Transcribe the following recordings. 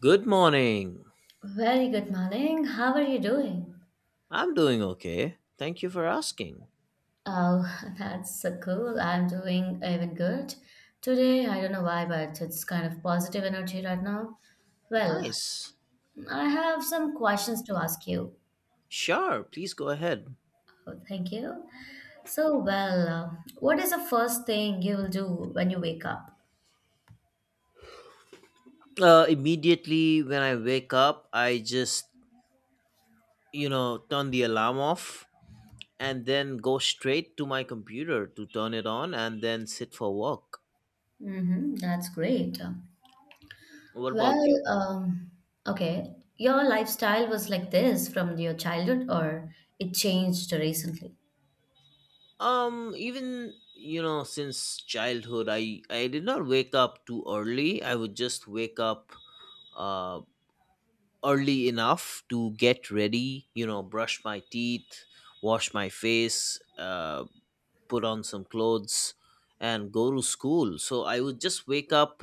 Good morning. Very good morning. How are you doing? I'm doing okay. Thank you for asking. Oh, that's so cool. I'm doing even good. Today, I don't know why, but it's kind of positive energy right now. Well, Nice. I have some questions to ask you. Sure, please go ahead. Oh, thank you. So, well, uh, what is the first thing you will do when you wake up? Immediately when I wake up, I just, you know, turn the alarm off and then go straight to my computer to turn it on and then sit for work. Mm-hmm, that's great. What about Well, you? um, okay. Your lifestyle was like this from your childhood, or it changed recently? Even, you know, since childhood, I did not wake up too early. I would just wake up uh early enough to get ready, you know, brush my teeth, wash my face, put on some clothes, and go to school. So I would just wake up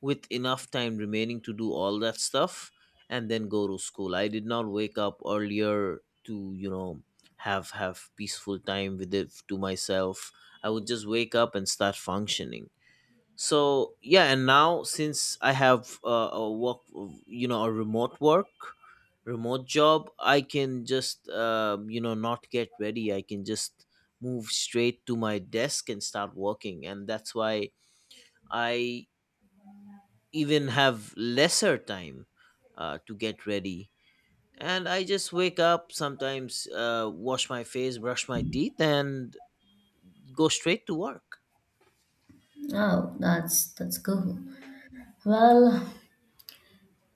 with enough time remaining to do all that stuff and then go to school. I did not wake up earlier to, you know, have peaceful time with it to myself. I would just wake up and start functioning, so yeah. And now, since I have a work, you know, a remote work, remote job, I can just, you know, not get ready, I can just move straight to my desk and start working. And that's why I even have lesser time to get ready, and I just wake up sometimes, wash my face, brush my teeth, and go straight to work. Oh, that's cool. Well,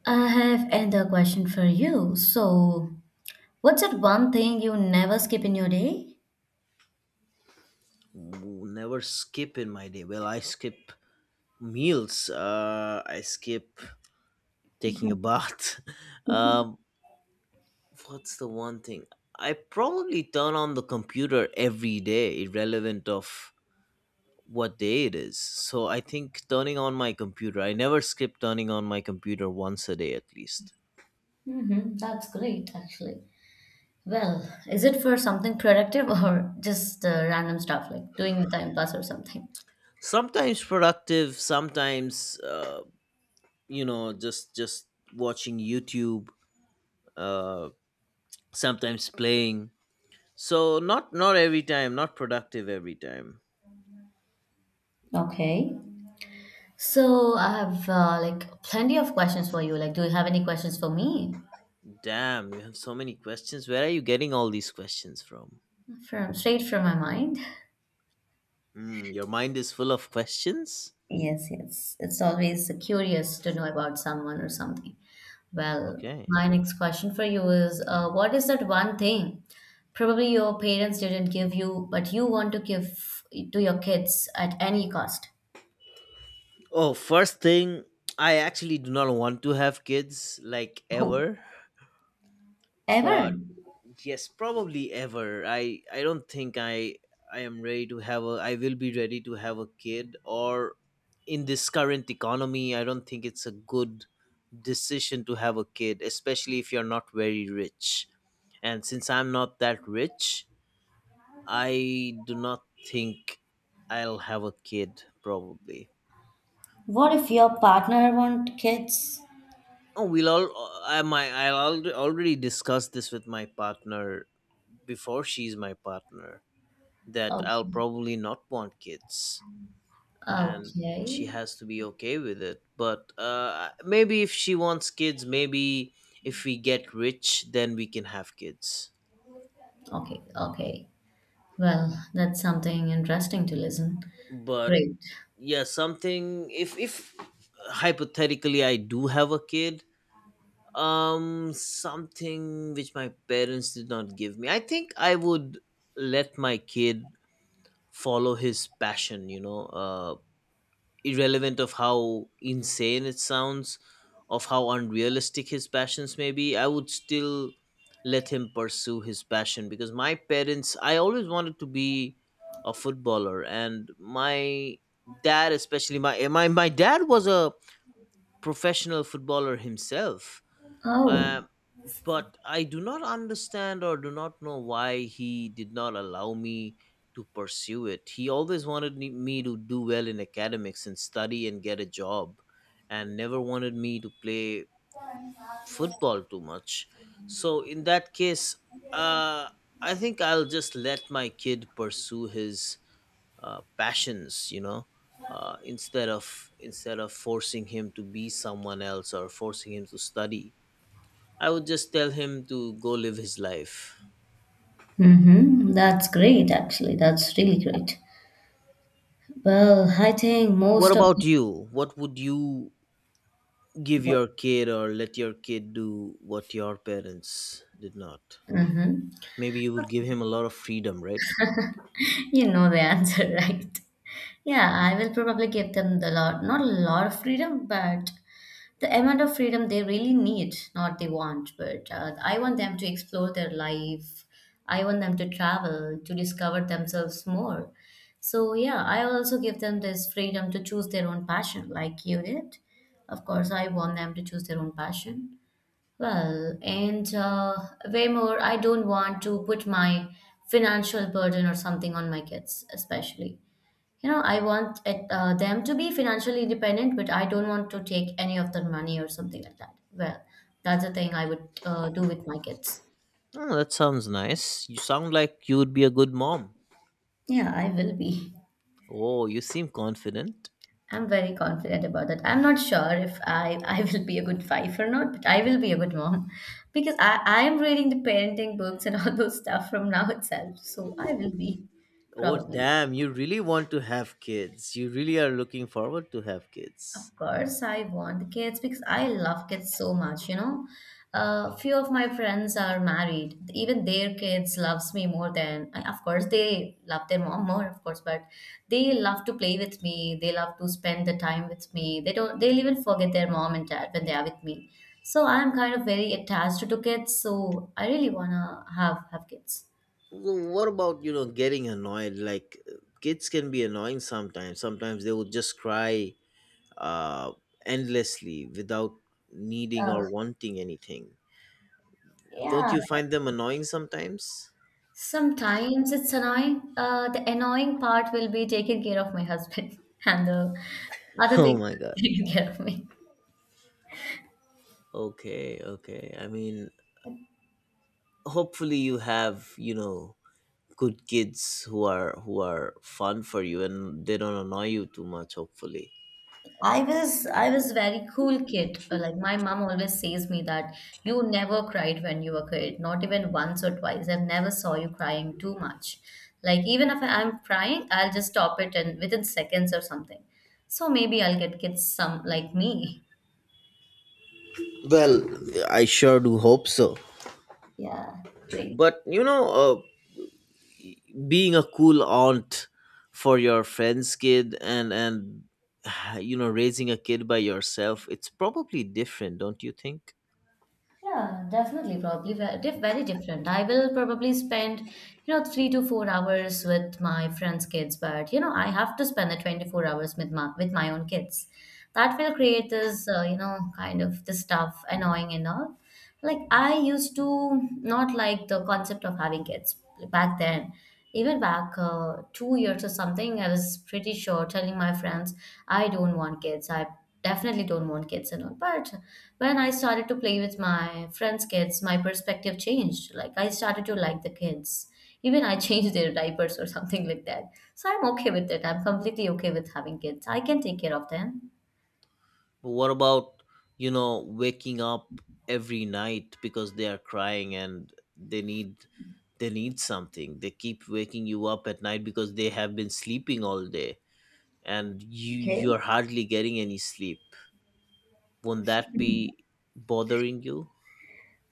I have another question for you. So, what's that one thing you never skip in your day? Never skip in my day? Well, I skip meals. I skip taking a bath. um, what's the one thing? I probably turn on the computer every day, irrelevant of what day it is. So I think turning on my computer. I never skip turning on my computer once a day at least. Mm-hmm, that's great, actually. Well, is it for something productive or just random stuff like doing the time pass or something? Sometimes productive. Sometimes, you know, just watching YouTube. Uh, Sometimes playing. So not every time. Not productive every time. Okay. So I have like plenty of questions for you. Like, do you have any questions for me? Damn, you have so many questions. Where are you getting all these questions from? From straight from my mind. Hmm, your mind is full of questions? Yes, yes. It's always curious to know about someone or something. Well, Okay. my next question for you is what is that one thing probably your parents didn't give you, but you want to give to your kids at any cost? Oh, first thing, I actually do not want to have kids, like, Oh, ever. ever? But yes, probably ever. I don't think I am ready to have a— I will be ready to have a kid or— in this current economy, I don't think it's a good decision to have a kid, especially if you're not very rich. And since I'm not that rich, I do not think I'll have a kid probably. What if your partner want kids? Oh, we'll all— I— my— already discussed this with my partner, before she's my partner, that Okay. I'll probably not want kids, and she Okay. has to be okay with it. But maybe if she wants kids, maybe if we get rich, then we can have kids. Okay. Okay. Well, that's something interesting to listen. But Great. yeah, something— if hypothetically I do have a kid, something which my parents did not give me. I think I would let my kid follow his passion, you know, irrelevant of how insane it sounds, of how unrealistic his passions may be. I would still let him pursue his passion. Because my parents— I always wanted to be a footballer, and my dad, especially my dad, was a professional footballer himself. Oh, Um, but I do not understand or do not know why he did not allow me to pursue it. He always wanted me to do well in academics and study and get a job, and never wanted me to play football too much. So, in that case, uh, I think I'll just let my kid pursue his passions, you know. Instead of forcing him to be someone else or forcing him to study, I would just tell him to go live his life. mm-hmm. That's great, actually. That's really great. Well, I think What most of about you? What would you give the. your kid or let your kid do what your parents did not? Mhm. Maybe you would give him a lot of freedom, right? You know the answer, right? Yeah, I will probably give them the lot, not a lot of freedom, but the amount of freedom they really need, not they want. But I want them to explore their life. I want them to travel, to discover themselves more. So, yeah, I will also give them this freedom to choose their own passion, like you did. Of course, I want them to choose their own passion. Well, and Way more, I don't want to put my financial burden or something on my kids, especially. You know, I want it, them to be financially independent, but I don't want to take any of their money or something like that. Well, that's the thing I would do with my kids. Oh, that sounds nice. You sound like you would be a good mom. Yeah, I will be. Oh, you seem confident. I'm very confident about that. I'm not sure if I will be a good wife or not, but I will be a good mom because I am reading the parenting books and all those stuff from now itself. So I will be Oh, probably. damn, you really want to have kids. You really are looking forward to have Of kids. course, I want kids because I love kids so much, you know. A few of my friends are married. Even their kids loves me more than, I- of course, they love their mom more, of course, but they love to play with me. They love to spend the time with me. They don't, they'll even forget their mom and dad when they are with me. So I'm kind of very attached to kids, so I really wanna have kids. What about, you know, getting annoyed? Like, kids can be annoying sometimes. Sometimes they will just cry uh, endlessly without needing or wanting anything. Don't Yeah, you find them annoying sometimes? sometimes it's annoying. The annoying part will be taking care of my husband, and the other Oh things my will god. be taking care of me. Okay, okay. I mean, hopefully you have, you know, good kids who are fun for you and they don't annoy you too much hopefully. I was very cool kid. Like my mom always says me that you never cried when you were a kid, not even once or twice. I've never saw you crying too much. Like even if I'm crying, I'll just stop it and within seconds or something. So maybe I'll get kids some like me. Well, I sure do hope so. Yeah, please. But you know, being a cool aunt for your friend's kid, and you know, raising a kid by yourself, it's probably different, don't you think? Yeah, definitely, probably very different. I will probably spend, you know, 3 to 4 hours with my friends' kids, but you know, I have to spend the 24 hours with my own kids. That will create this, you know, kind of this stuff annoying and all. Like I used to not like the concept of having kids. Like, back then. Even back 2 years or something, I was pretty sure telling my friends, I don't want kids. I definitely don't want kids and all. But when I started to play with my friends' kids, my perspective changed. Like I started to like the kids. Even I changed their diapers or something like that. So I'm okay with it. I'm completely okay with having kids. I can take care of them. What about, you know, waking up every night because they are crying and they need— they need something, they keep waking you up at night because they have been sleeping all day, and you Okay. you're hardly getting any sleep. Won't that be bothering you?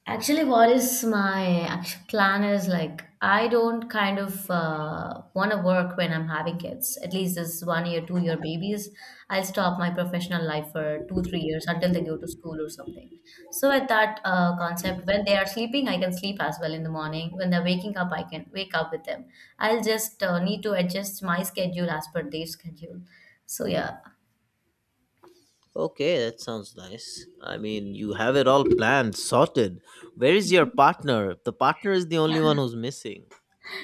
Actually, what is my act- plan is like I don't kind of want to work when I'm having kids. At least this one year, two-year babies, I'll stop my professional life for two, 3 years until they go to school or something. So at that concept, when they are sleeping, I can sleep as well in the morning. When they're waking up, I can wake up with them. I'll just need to adjust my schedule as per their schedule. So yeah. Okay, that sounds nice. I mean, you have it all planned, sorted. Where is your partner? The partner is the only one who's missing.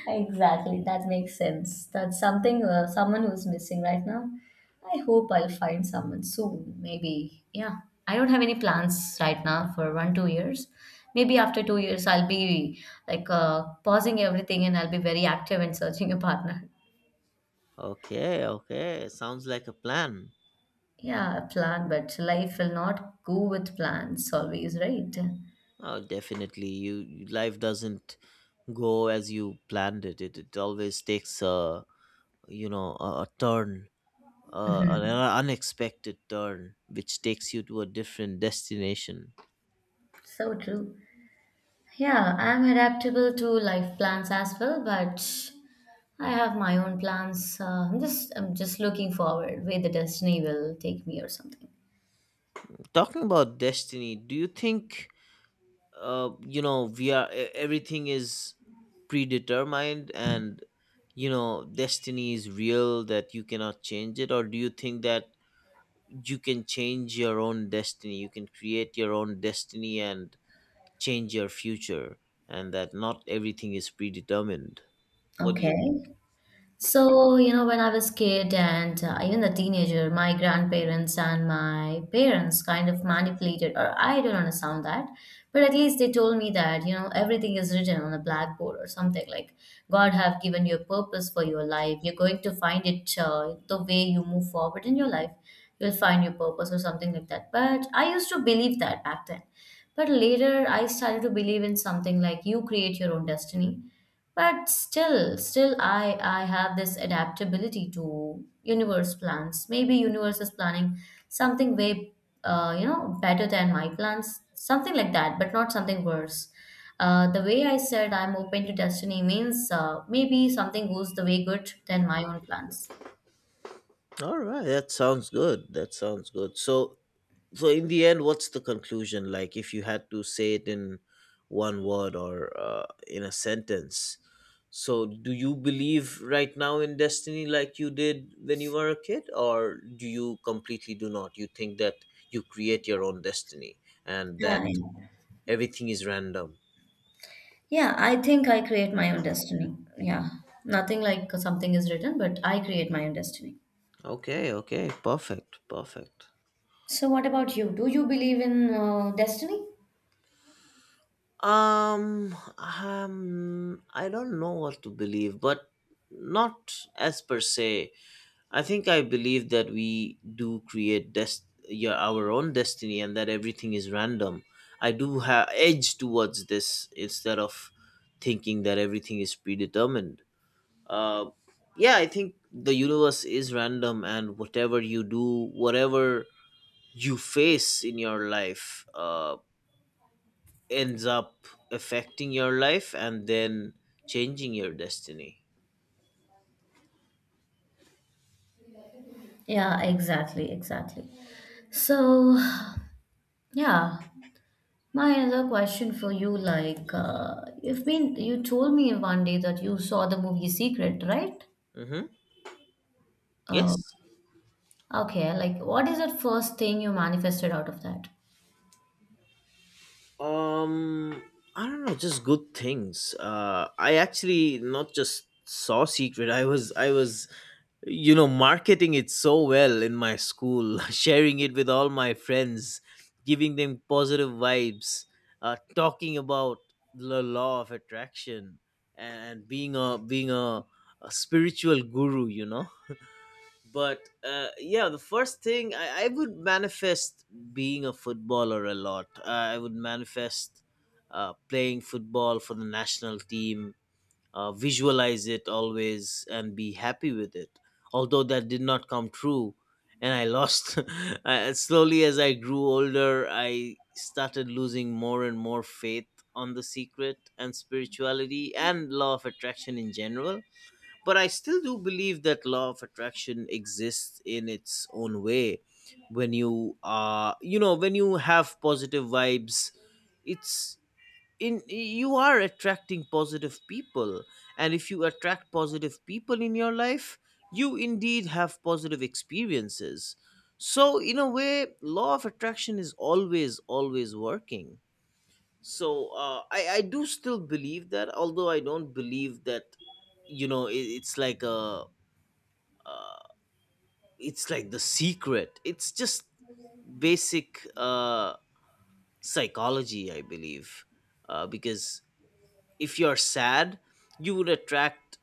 Exactly, that makes sense. That's something, someone who's missing right now. I hope I'll find someone soon. Maybe, yeah. I don't have any plans right now for one, 2 years. Maybe after 2 years, I'll be like pausing everything and I'll be very active in searching a partner. Okay, okay, sounds like a plan. Yeah, plan, but life will not go with plans always, right? Oh, definitely. Life doesn't go as you planned it. It always takes a, you know, a turn, an Mhm. unexpected turn, which takes you to a different destination. So true. Yeah, I'm adaptable to life plans as well, but I have my own plans. I'm just looking forward where the destiny will take me or something. Talking about destiny, do you think, you know, we are— everything is predetermined and, you know, destiny is real, that you cannot change it? Or do you think that you can change your own destiny, you can create your own destiny and change your future, and that not everything is predetermined? What do you think? Okay. So, you know, when I was kid and even a teenager, my grandparents and my parents kind of manipulated, or I don't understand that, but at least they told me that, you know, everything is written on a blackboard or something like God have given you a purpose for your life. You're going to find it the way you move forward in your life. You'll find your purpose or something like that. But I used to believe that back then. But later, I started to believe in something like you create your own destiny, but still I have this adaptability to universe plans. Maybe universe is planning something way you know better than my plans, something like that, but not something worse. The way I said I'm open to destiny means maybe something goes the way good than my own plans. All right, that sounds good. That sounds good. So, so in the end, what's the conclusion? Like, if you had to say it in one word or, in a sentence, so do you believe right now in destiny like you did when you were a kid? Or do you completely do not— you think that you create your own destiny, and Yeah, that yeah. everything is random? Yeah, I think I create my own destiny. Yeah, nothing like something is written, but I create my own destiny. Okay, okay, perfect, perfect. So, what about you? Do you believe in destiny? Um, I don't know what to believe, but not as per se. I think I believe that we do create yeah, our own destiny and that everything is random. I do have edge towards this instead of thinking that everything is predetermined. Uh, yeah, I think the universe is random and whatever you do, whatever you face in your life, ends up affecting your life and then changing your destiny. Yeah, exactly, exactly. So, yeah, my another question for you, like, you told me one day that you saw the movie Secret, right? Mm-hmm. Uh, Yes. okay, like, what is the first thing you manifested out of that? Um, I don't know, just good things. I actually not just saw Secret. I was, you know, marketing it so well in my school, sharing it with all my friends, giving them positive vibes, talking about the law of attraction and being a spiritual guru, you know. But yeah, the first thing I would manifest, being a footballer, a lot. I would manifest, playing football for the national team, visualize it always and be happy with it. Although that did not come true, and I lost. I, slowly as I grew older, I started losing more and more faith on the Secret and spirituality and law of attraction in general. But I still do believe that law of attraction exists in its own way. When you are, you know, when you have positive vibes, it's— in— you are attracting positive people, and if you attract positive people in your life, you indeed have positive experiences. So, in a way, law of attraction is always, always working. So, I do still believe that, although I don't believe that, you know, it— it's like a, uh, it's like the Secret, it's just basic, psychology, I believe. Uh, because if you're sad, you would attract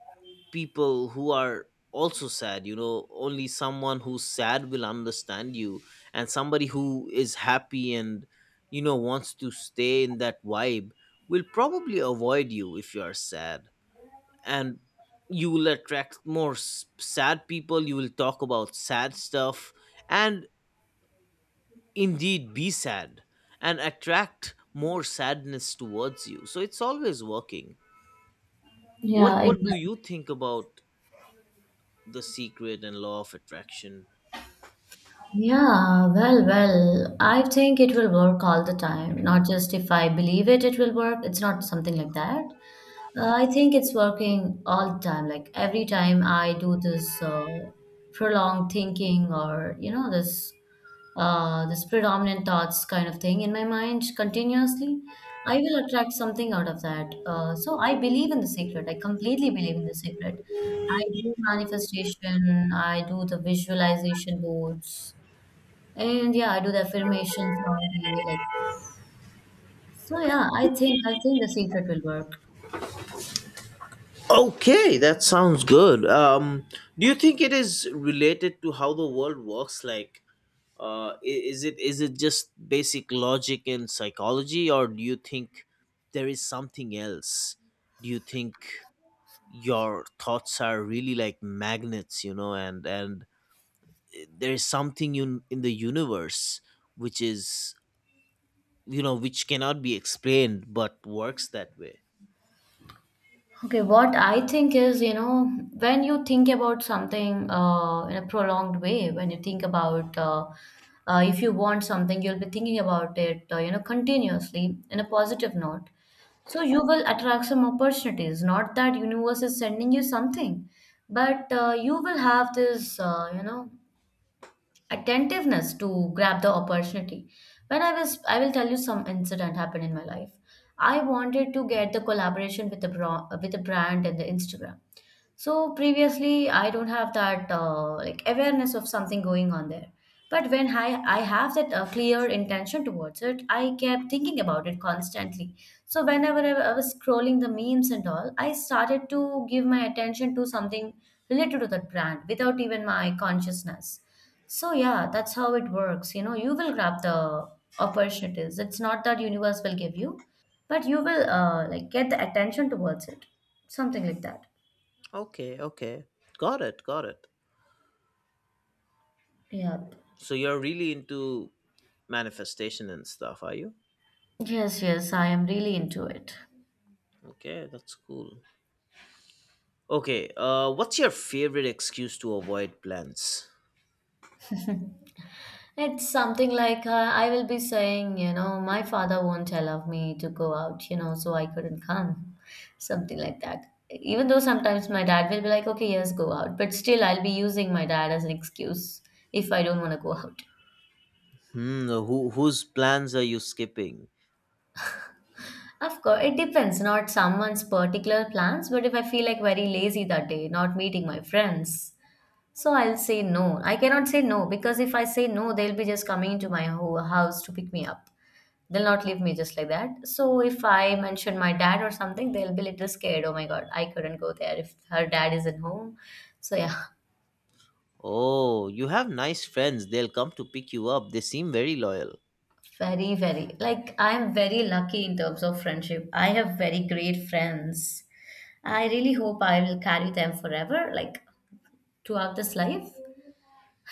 people who are also sad, you know. Only someone who's sad will understand you, and somebody who is happy and, you know, wants to stay in that vibe will probably avoid you if you are sad. And you will attract more sad people, you will talk about sad stuff, and indeed be sad and attract more sadness towards you. So it's always working. what Yeah, what do you exactly. think about the Secret and law of attraction? I think it will work all the time. Not just if I believe it, it will work. It's not something like that. I think it's working all the time. Like every time I do this prolonged thinking or you know this this predominant thoughts kind of thing in my mind continuously, I will attract something out of that. So I believe in the secret. I completely believe in the secret. I do manifestation. I do the visualization boards, and yeah, I do the affirmations all day. Like so, yeah, I think the secret will work. Okay, that sounds good. Um, do you think it is related to how the world works? Like, is it— is it just basic logic and psychology, or do you think there is something else? Do you think your thoughts are really like magnets, you know, and— and there is something in— in the universe which is, you know, which cannot be explained but works that way? Okay, what I think is, you know, when you think about something in a prolonged way, when you think about if you want something, you'll be thinking about it, you know, continuously in a positive note. So you will attract some opportunities. Not that universe is sending you something, but you will have this, you know, attentiveness to grab the opportunity. When I was, I will tell you some incident happened in my life. I wanted to get the collaboration with the with the brand and the Instagram. So previously, I don't have that like awareness of something going on there. But when I have that clear intention towards it, I kept thinking about it constantly. So whenever I was scrolling the memes and all, I started to give my attention to something related to that brand without even my consciousness. So yeah, that's how it works. You know, you will grab the opportunities. It's not that universe will give you, but you will like get the attention towards it. Something like that. Okay, okay, got it, got it. Yeah. So you're really into manifestation and stuff, are you? Yes, yes, I am really into it. Okay, that's cool. Okay, what's your favorite excuse to avoid plans? It's something like I will be saying, you know, my father won't allow me to go out, you know, so I couldn't come. Something like that. Even though sometimes my dad will be like, okay, yes, go out. But still, I'll be using my dad as an excuse if I don't want to go out. Hmm, who— whose plans are you skipping? Of course, it depends, not someone's particular plans, but if I feel like very lazy that day, not meeting my friends, so I'll say no. I cannot say no because if I say no, they'll be just coming into my house to pick me up. They'll not leave me just like that. So if I mention my dad or something, they'll be little scared. Oh my God, I couldn't go there if her dad isn't home. So yeah, Oh, you have nice friends. They'll come to pick you up. They seem very loyal. very, very like I'm very lucky in terms of friendship. I have very great friends. I really hope I will carry them forever, like throughout this life.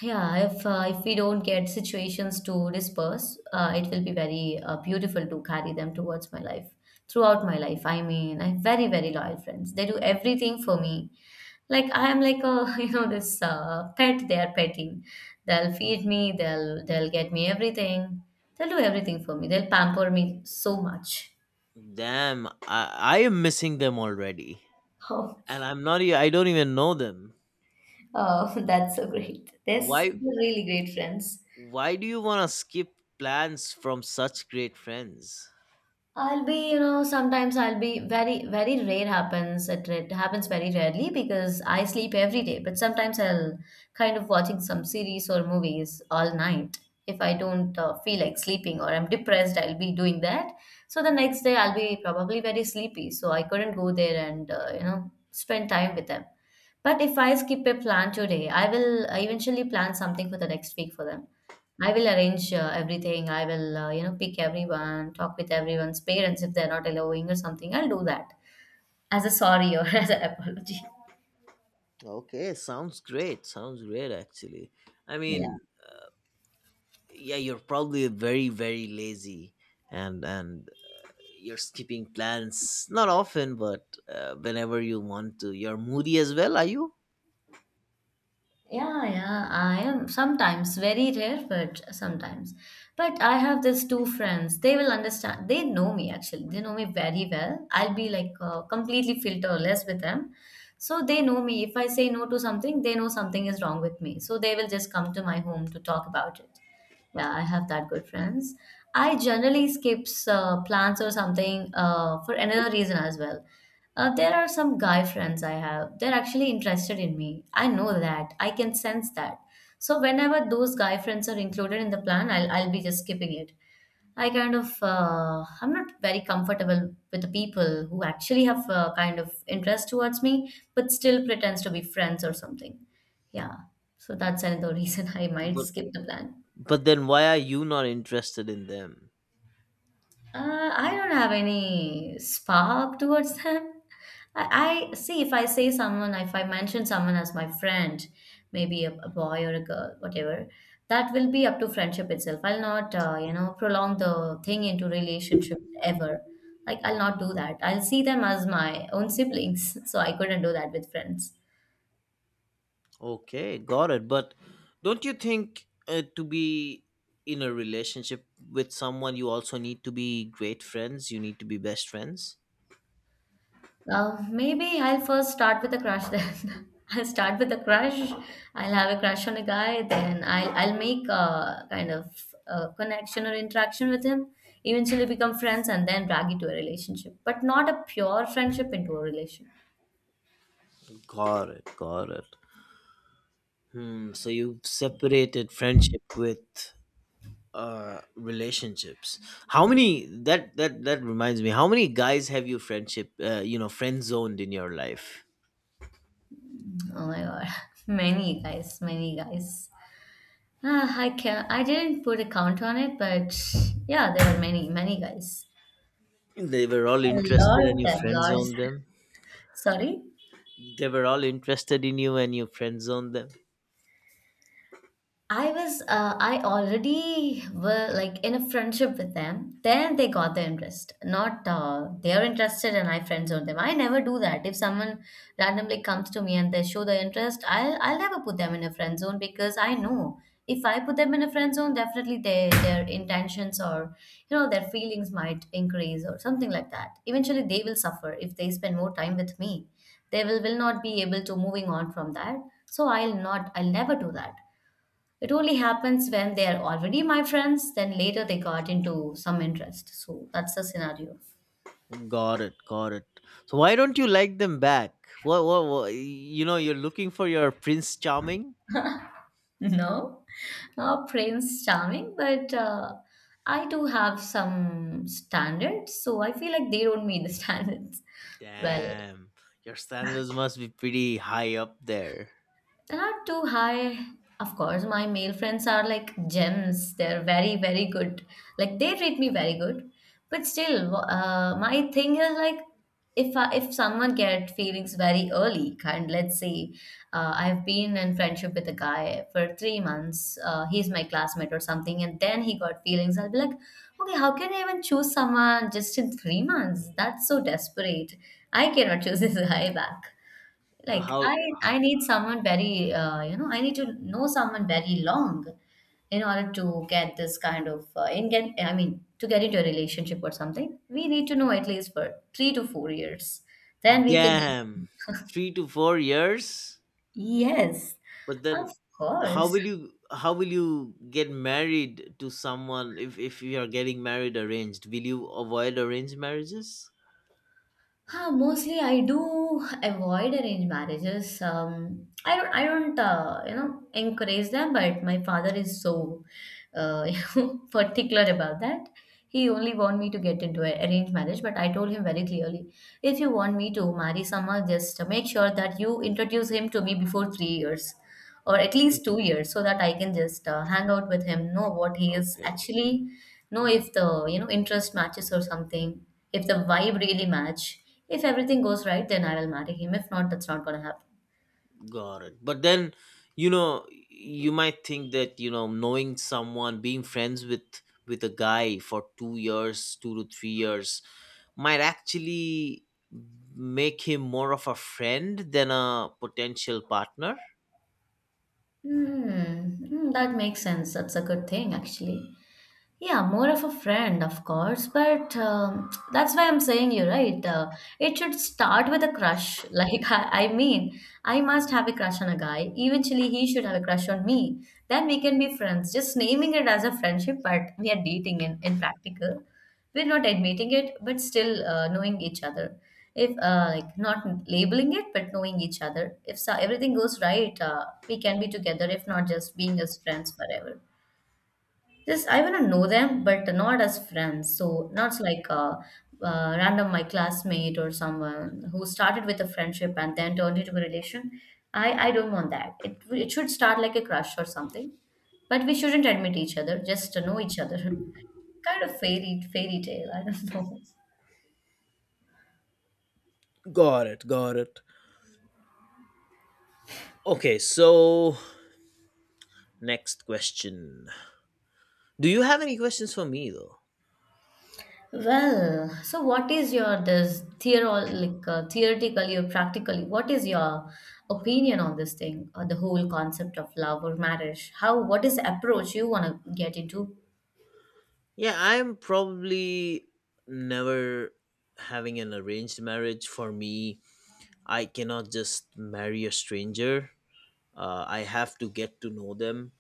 Yeah, if we don't get situations to disperse, it will be very beautiful to carry them towards my life, throughout my life. I mean, I have very very loyal friends. They do everything for me. Like I am like a this pet they are petting. They'll feed me, they'll get me everything. They'll do everything for me. They'll pamper me so much. Damn, I am missing them already, Oh. and I'm not— I don't even know them. Oh, that's so great. Why They're really great friends. why do you want to skip plans from such great friends? I'll be, sometimes I'll be very, very rare happens. It happens very rarely because I sleep every day. But sometimes I'll kind of watching some series or movies all night. If I don't feel like sleeping or I'm depressed, I'll be doing that. So the next day I'll be probably very sleepy. So I couldn't go there and, spend time with them. But if I skip a plan today, I will eventually plan something for the next week for them. I will arrange everything. I will, pick everyone, talk with everyone's parents if they're not allowing or something. I'll do that as a sorry or as an apology. Okay, sounds great. Sounds great, actually. I Yeah. mean, yeah, you're probably very, very lazy, and you're skipping plans not often but whenever you want to. You're moody as well, are you? Yeah, yeah, I am sometimes very rare, but sometimes. But I have these two friends. They will understand. They know me actually. They know me very well. I'll be like completely filterless with them. So they know me. If I say no to something, they know something is wrong with me. So they will just come to my home to talk about it. Yeah, I have that good friends. I generally skips plans or something for another reason as well. There are some guy friends I have. They're actually interested in me. I know that. I can sense that. So whenever those guy friends are included in the plan, I'll be just skipping it. I kind of I'm not very comfortable with the people who actually have a kind of interest towards me, but still pretends to be friends or something. Yeah. So that's another reason I might But skip the plan. Then why are you not interested in them? I don't have any spark towards them. I see if I say someone, if I mention someone as my friend, maybe a boy or a girl, whatever, that will be up to friendship itself. I'll not, prolong the thing into relationship ever. Like I'll not do that. I'll see them as my own siblings, so I couldn't do that with friends. Okay, got it. But don't you think to be in a relationship with someone you also need to be great friends? You need to be best friends. Maybe I'll first start with a crush then. I'll start with a crush. I'll have a crush on a guy, then I'll make a kind of connection or interaction with him. Eventually become friends and then drag it to a relationship, but not a pure friendship into a relation. Got it, got it. Hmm, so you've separated friendship with uh, relationships. How many— that reminds me, how many guys have you friendship, friend zoned in your life? Oh my god, many guys, many guys. Ah, I didn't put a count on it, but yeah, there are many, many guys. They were all A lot interested and of you them, friend lots. zoned them? Sorry. They were all interested in you and you friend zoned them? I was, I already were like in a friendship with them. Then they got the interest. Not They are interested and I friend zone them. I never do that. If someone randomly comes to me and they show the interest, I'll never put them in a friend zone because I know if I put them in a friend zone, definitely their intentions or you know their feelings might increase or something like that. Eventually, they will suffer if they spend more time with me. They will not be able to moving on from that. So I'll not. I'll never do that. It only happens when they are already my friends, then later they got into some interest. So that's the scenario. Got it, got it. So why don't you like them back? What you know, you're looking for your Prince Charming? No, no Prince Charming, but I do have some standards. So I feel like they don't meet the standards. Well, Damn, your standards must be pretty high up there. they're not too high. Of course, my male friends are like gems. They're very, very good. Like they treat me very good. But still, my thing is like if someone get feelings very early, kind let's say I've been in friendship with a guy for 3 months. He's my classmate or something, and then he got feelings. I'll be like, okay, how can I even choose someone just in 3 months? That's so desperate. I cannot choose this guy back. So Like I, how— I need someone very, I need to know someone very long in order to get this kind of, I mean, to get into a relationship or something. We need to know at least for 3 to 4 years. Then we can just, damn, 3 to 4 years? yes, But of then how course. will you— get married to someone if you are getting married arranged? Will you avoid arranged marriages? Huh, mostly I do avoid arranged marriages. I don't, encourage them. But my father is so, you know, particular about that. He only want me to get into an arranged marriage, but I told him very clearly, if you want me to marry someone, just make sure that you introduce him to me before 3 years or at Hmm. least 2 years so that I can just hang out with him, know what he is Okay, actually, know if the, you know, interest matches or something, if the vibe really match. If everything goes right, then I will marry him. If not, that's not gonna happen. got it. But then, you know, you might think that, you know, knowing someone, being friends with a guy for 2 years, 2 to 3 years, might actually make him more of a friend than a potential partner. Hmm, hmm, that makes sense. That's a good thing, actually. Yeah, more of a friend, of course, but that's why I'm saying you right. It should start with a crush. Like, I mean, I must have a crush on a guy. Eventually, he should have a crush on me. Then we can be friends. Just naming it as a friendship, but we are dating in practical. We're not admitting it, but still knowing each other. If Like not labeling it, but knowing each other. If so, everything goes right, we can be together. If not, just being as friends forever. Just I wanna know them, but not as friends. So not like random my classmate or someone who started with a friendship and then turned into a relation. I don't want that. It should start like a crush or something, but we shouldn't admit each other. Just to know each other. Kind of fairy tale. I don't know. Got it, got it. Okay, so next question. Do you have any questions for me though? Well, so what is your this theoral like theoretically or practically? What is your opinion on this thing, or the whole concept of love or marriage? How what is the approach you want to get into? Yeah, I'm probably never having an arranged marriage. For me, I cannot just marry a stranger. I have to get to know them.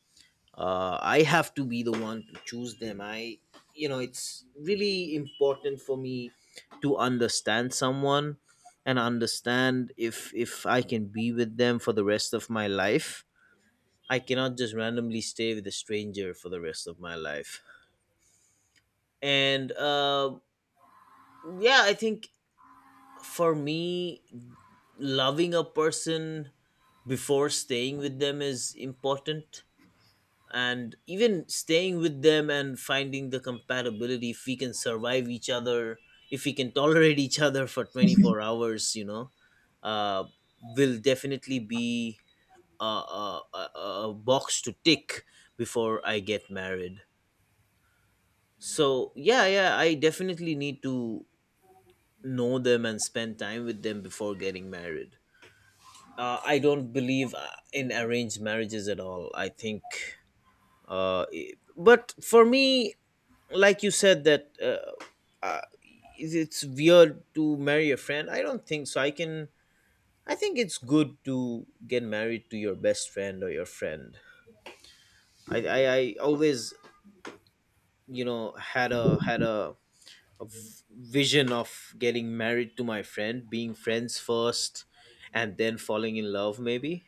I have to be the one to choose them. I, you know, it's really important for me to understand someone and understand if I can be with them for the rest of my life. I cannot just randomly stay with a stranger for the rest of my life. And yeah, I think for me, loving a person before staying with them is important, and even staying with them and finding the compatibility, if we can survive each other, if we can tolerate each other for 24 hours, you know, uh, will definitely be a, a, a a box to tick before I get married. So yeah, yeah, I definitely need to know them and spend time with them before getting married. I don't believe in arranged marriages at all. I think, but for me, like you said, that uh, it's weird to marry a friend. I don't think so. I can. I think it's good to get married to your best friend or your friend. I always, you know, had a a v- vision of getting married to my friend, being friends first, and then falling in love, maybe.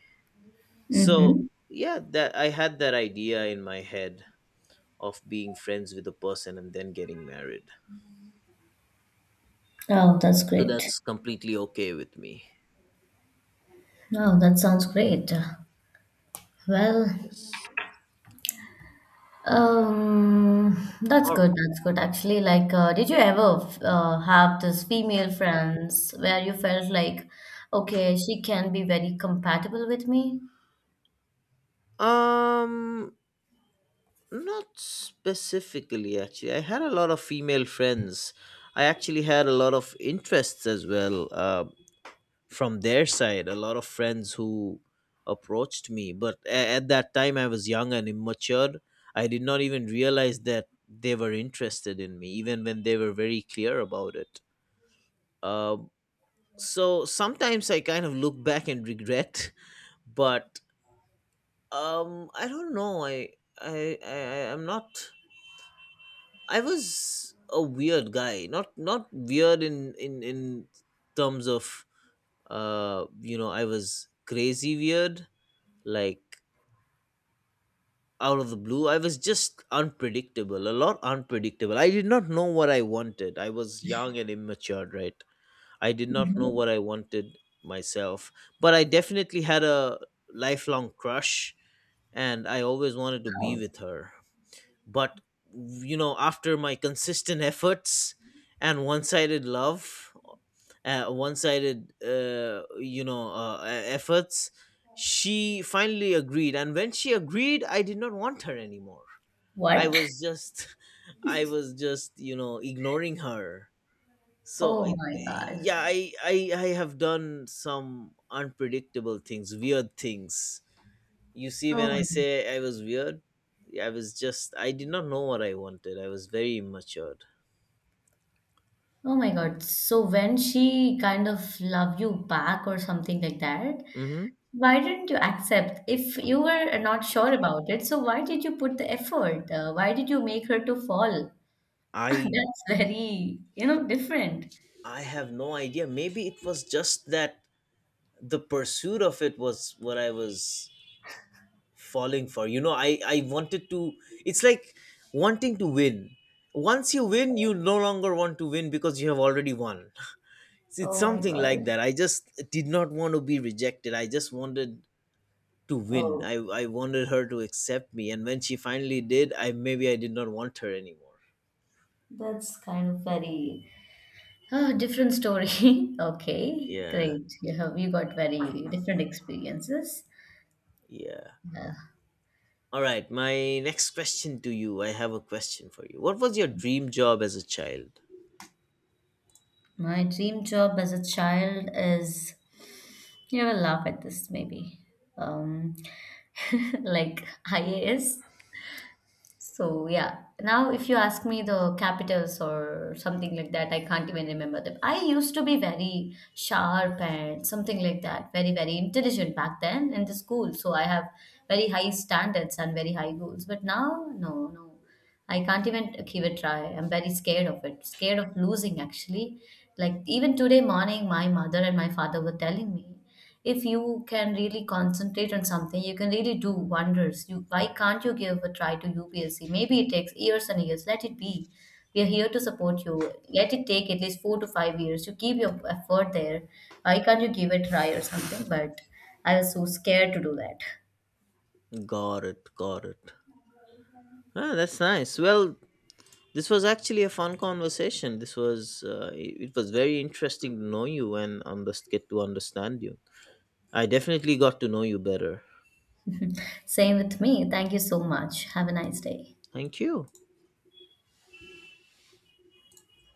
So Mm-hmm. yeah, that— I had that idea in my head of being friends with a person and then getting married. Oh, that's So great. that's completely okay with me. Oh, that sounds great. Well, Yes. That's Or, good. That's good. Actually, like, did you ever have this female friends where you felt like, okay, she can be very compatible with me? um, not specifically, actually. I had a lot of female friends. I actually had a lot of interests as well. From their side, a lot of friends who approached me, but at that time I was young and immature. I did not even realize that they were interested in me, even when they were very clear about it. um, so sometimes I kind of look back and regret, but, I don't know, I'm not— I was a weird guy. Not weird in terms of, uh, you know, I was crazy weird, like out of the blue. I was just unpredictable, a lot unpredictable. I did not know what I wanted. I was young and immature, right? I did not know Mhm. what I wanted myself, but I definitely had a lifelong crush and I always wanted to be with her. But, you know, after my consistent efforts and one-sided love, one-sided, efforts, she finally agreed, and when she agreed, I did not want her anymore. I What? was just— I was just you know, ignoring her. So Oh it— my God. yeah, I, I have done some unpredictable things, weird things. You see, Oh when I my, say I was weird, I was just— I did not know what I wanted. I was very immature. oh my God. So when she kind of love you back or something like that, Hmm. why didn't you accept? If you were not sure about it, so why did you put the effort? Why did you make her to fall? I That's very, you know, different. I have no idea. Maybe it was just that the pursuit of it was what I was falling for. You know, I— wanted to. It's like wanting to win. Once you win, you no longer want to win because you have already won. It's Oh my something like God. that. I just did not want to be rejected. I just wanted to win. Oh, I wanted her to accept me, and when she finally did, I— maybe I did not want her anymore. that's kind of very oh, different story. Okay, Yeah, great. You got very different experiences. yeah. Uh, All right, my next question to you. I have a question for you. What was your dream job as a child? My dream job as a child is you will laugh at this maybe. Um, like IAS. So yeah, now if you ask me the capitals or something like that, I can't even remember them. I used to be very sharp and something like that, very, very intelligent back then in the school. So I have very high standards and very high goals. But now, no, no. I can't even give it a try. I'm very scared of it. Scared of losing actually. Like even today morning, my mother and my father were telling me if you can really concentrate on something you can really do wonders. You why can't you give a try to UPSC? Maybe it takes years and years, let it be. We are here to support you. Let it take at least 4 to 5 years, you keep your effort there. Why can't you give it a try or something? But I was so scared to do that. Got it, got it. Ah, that's nice. Well, this was actually a fun conversation. This was, it was very interesting to know you and get to understand you. I definitely got to know you better. Same with me, thank you so much, have a nice day. Thank you.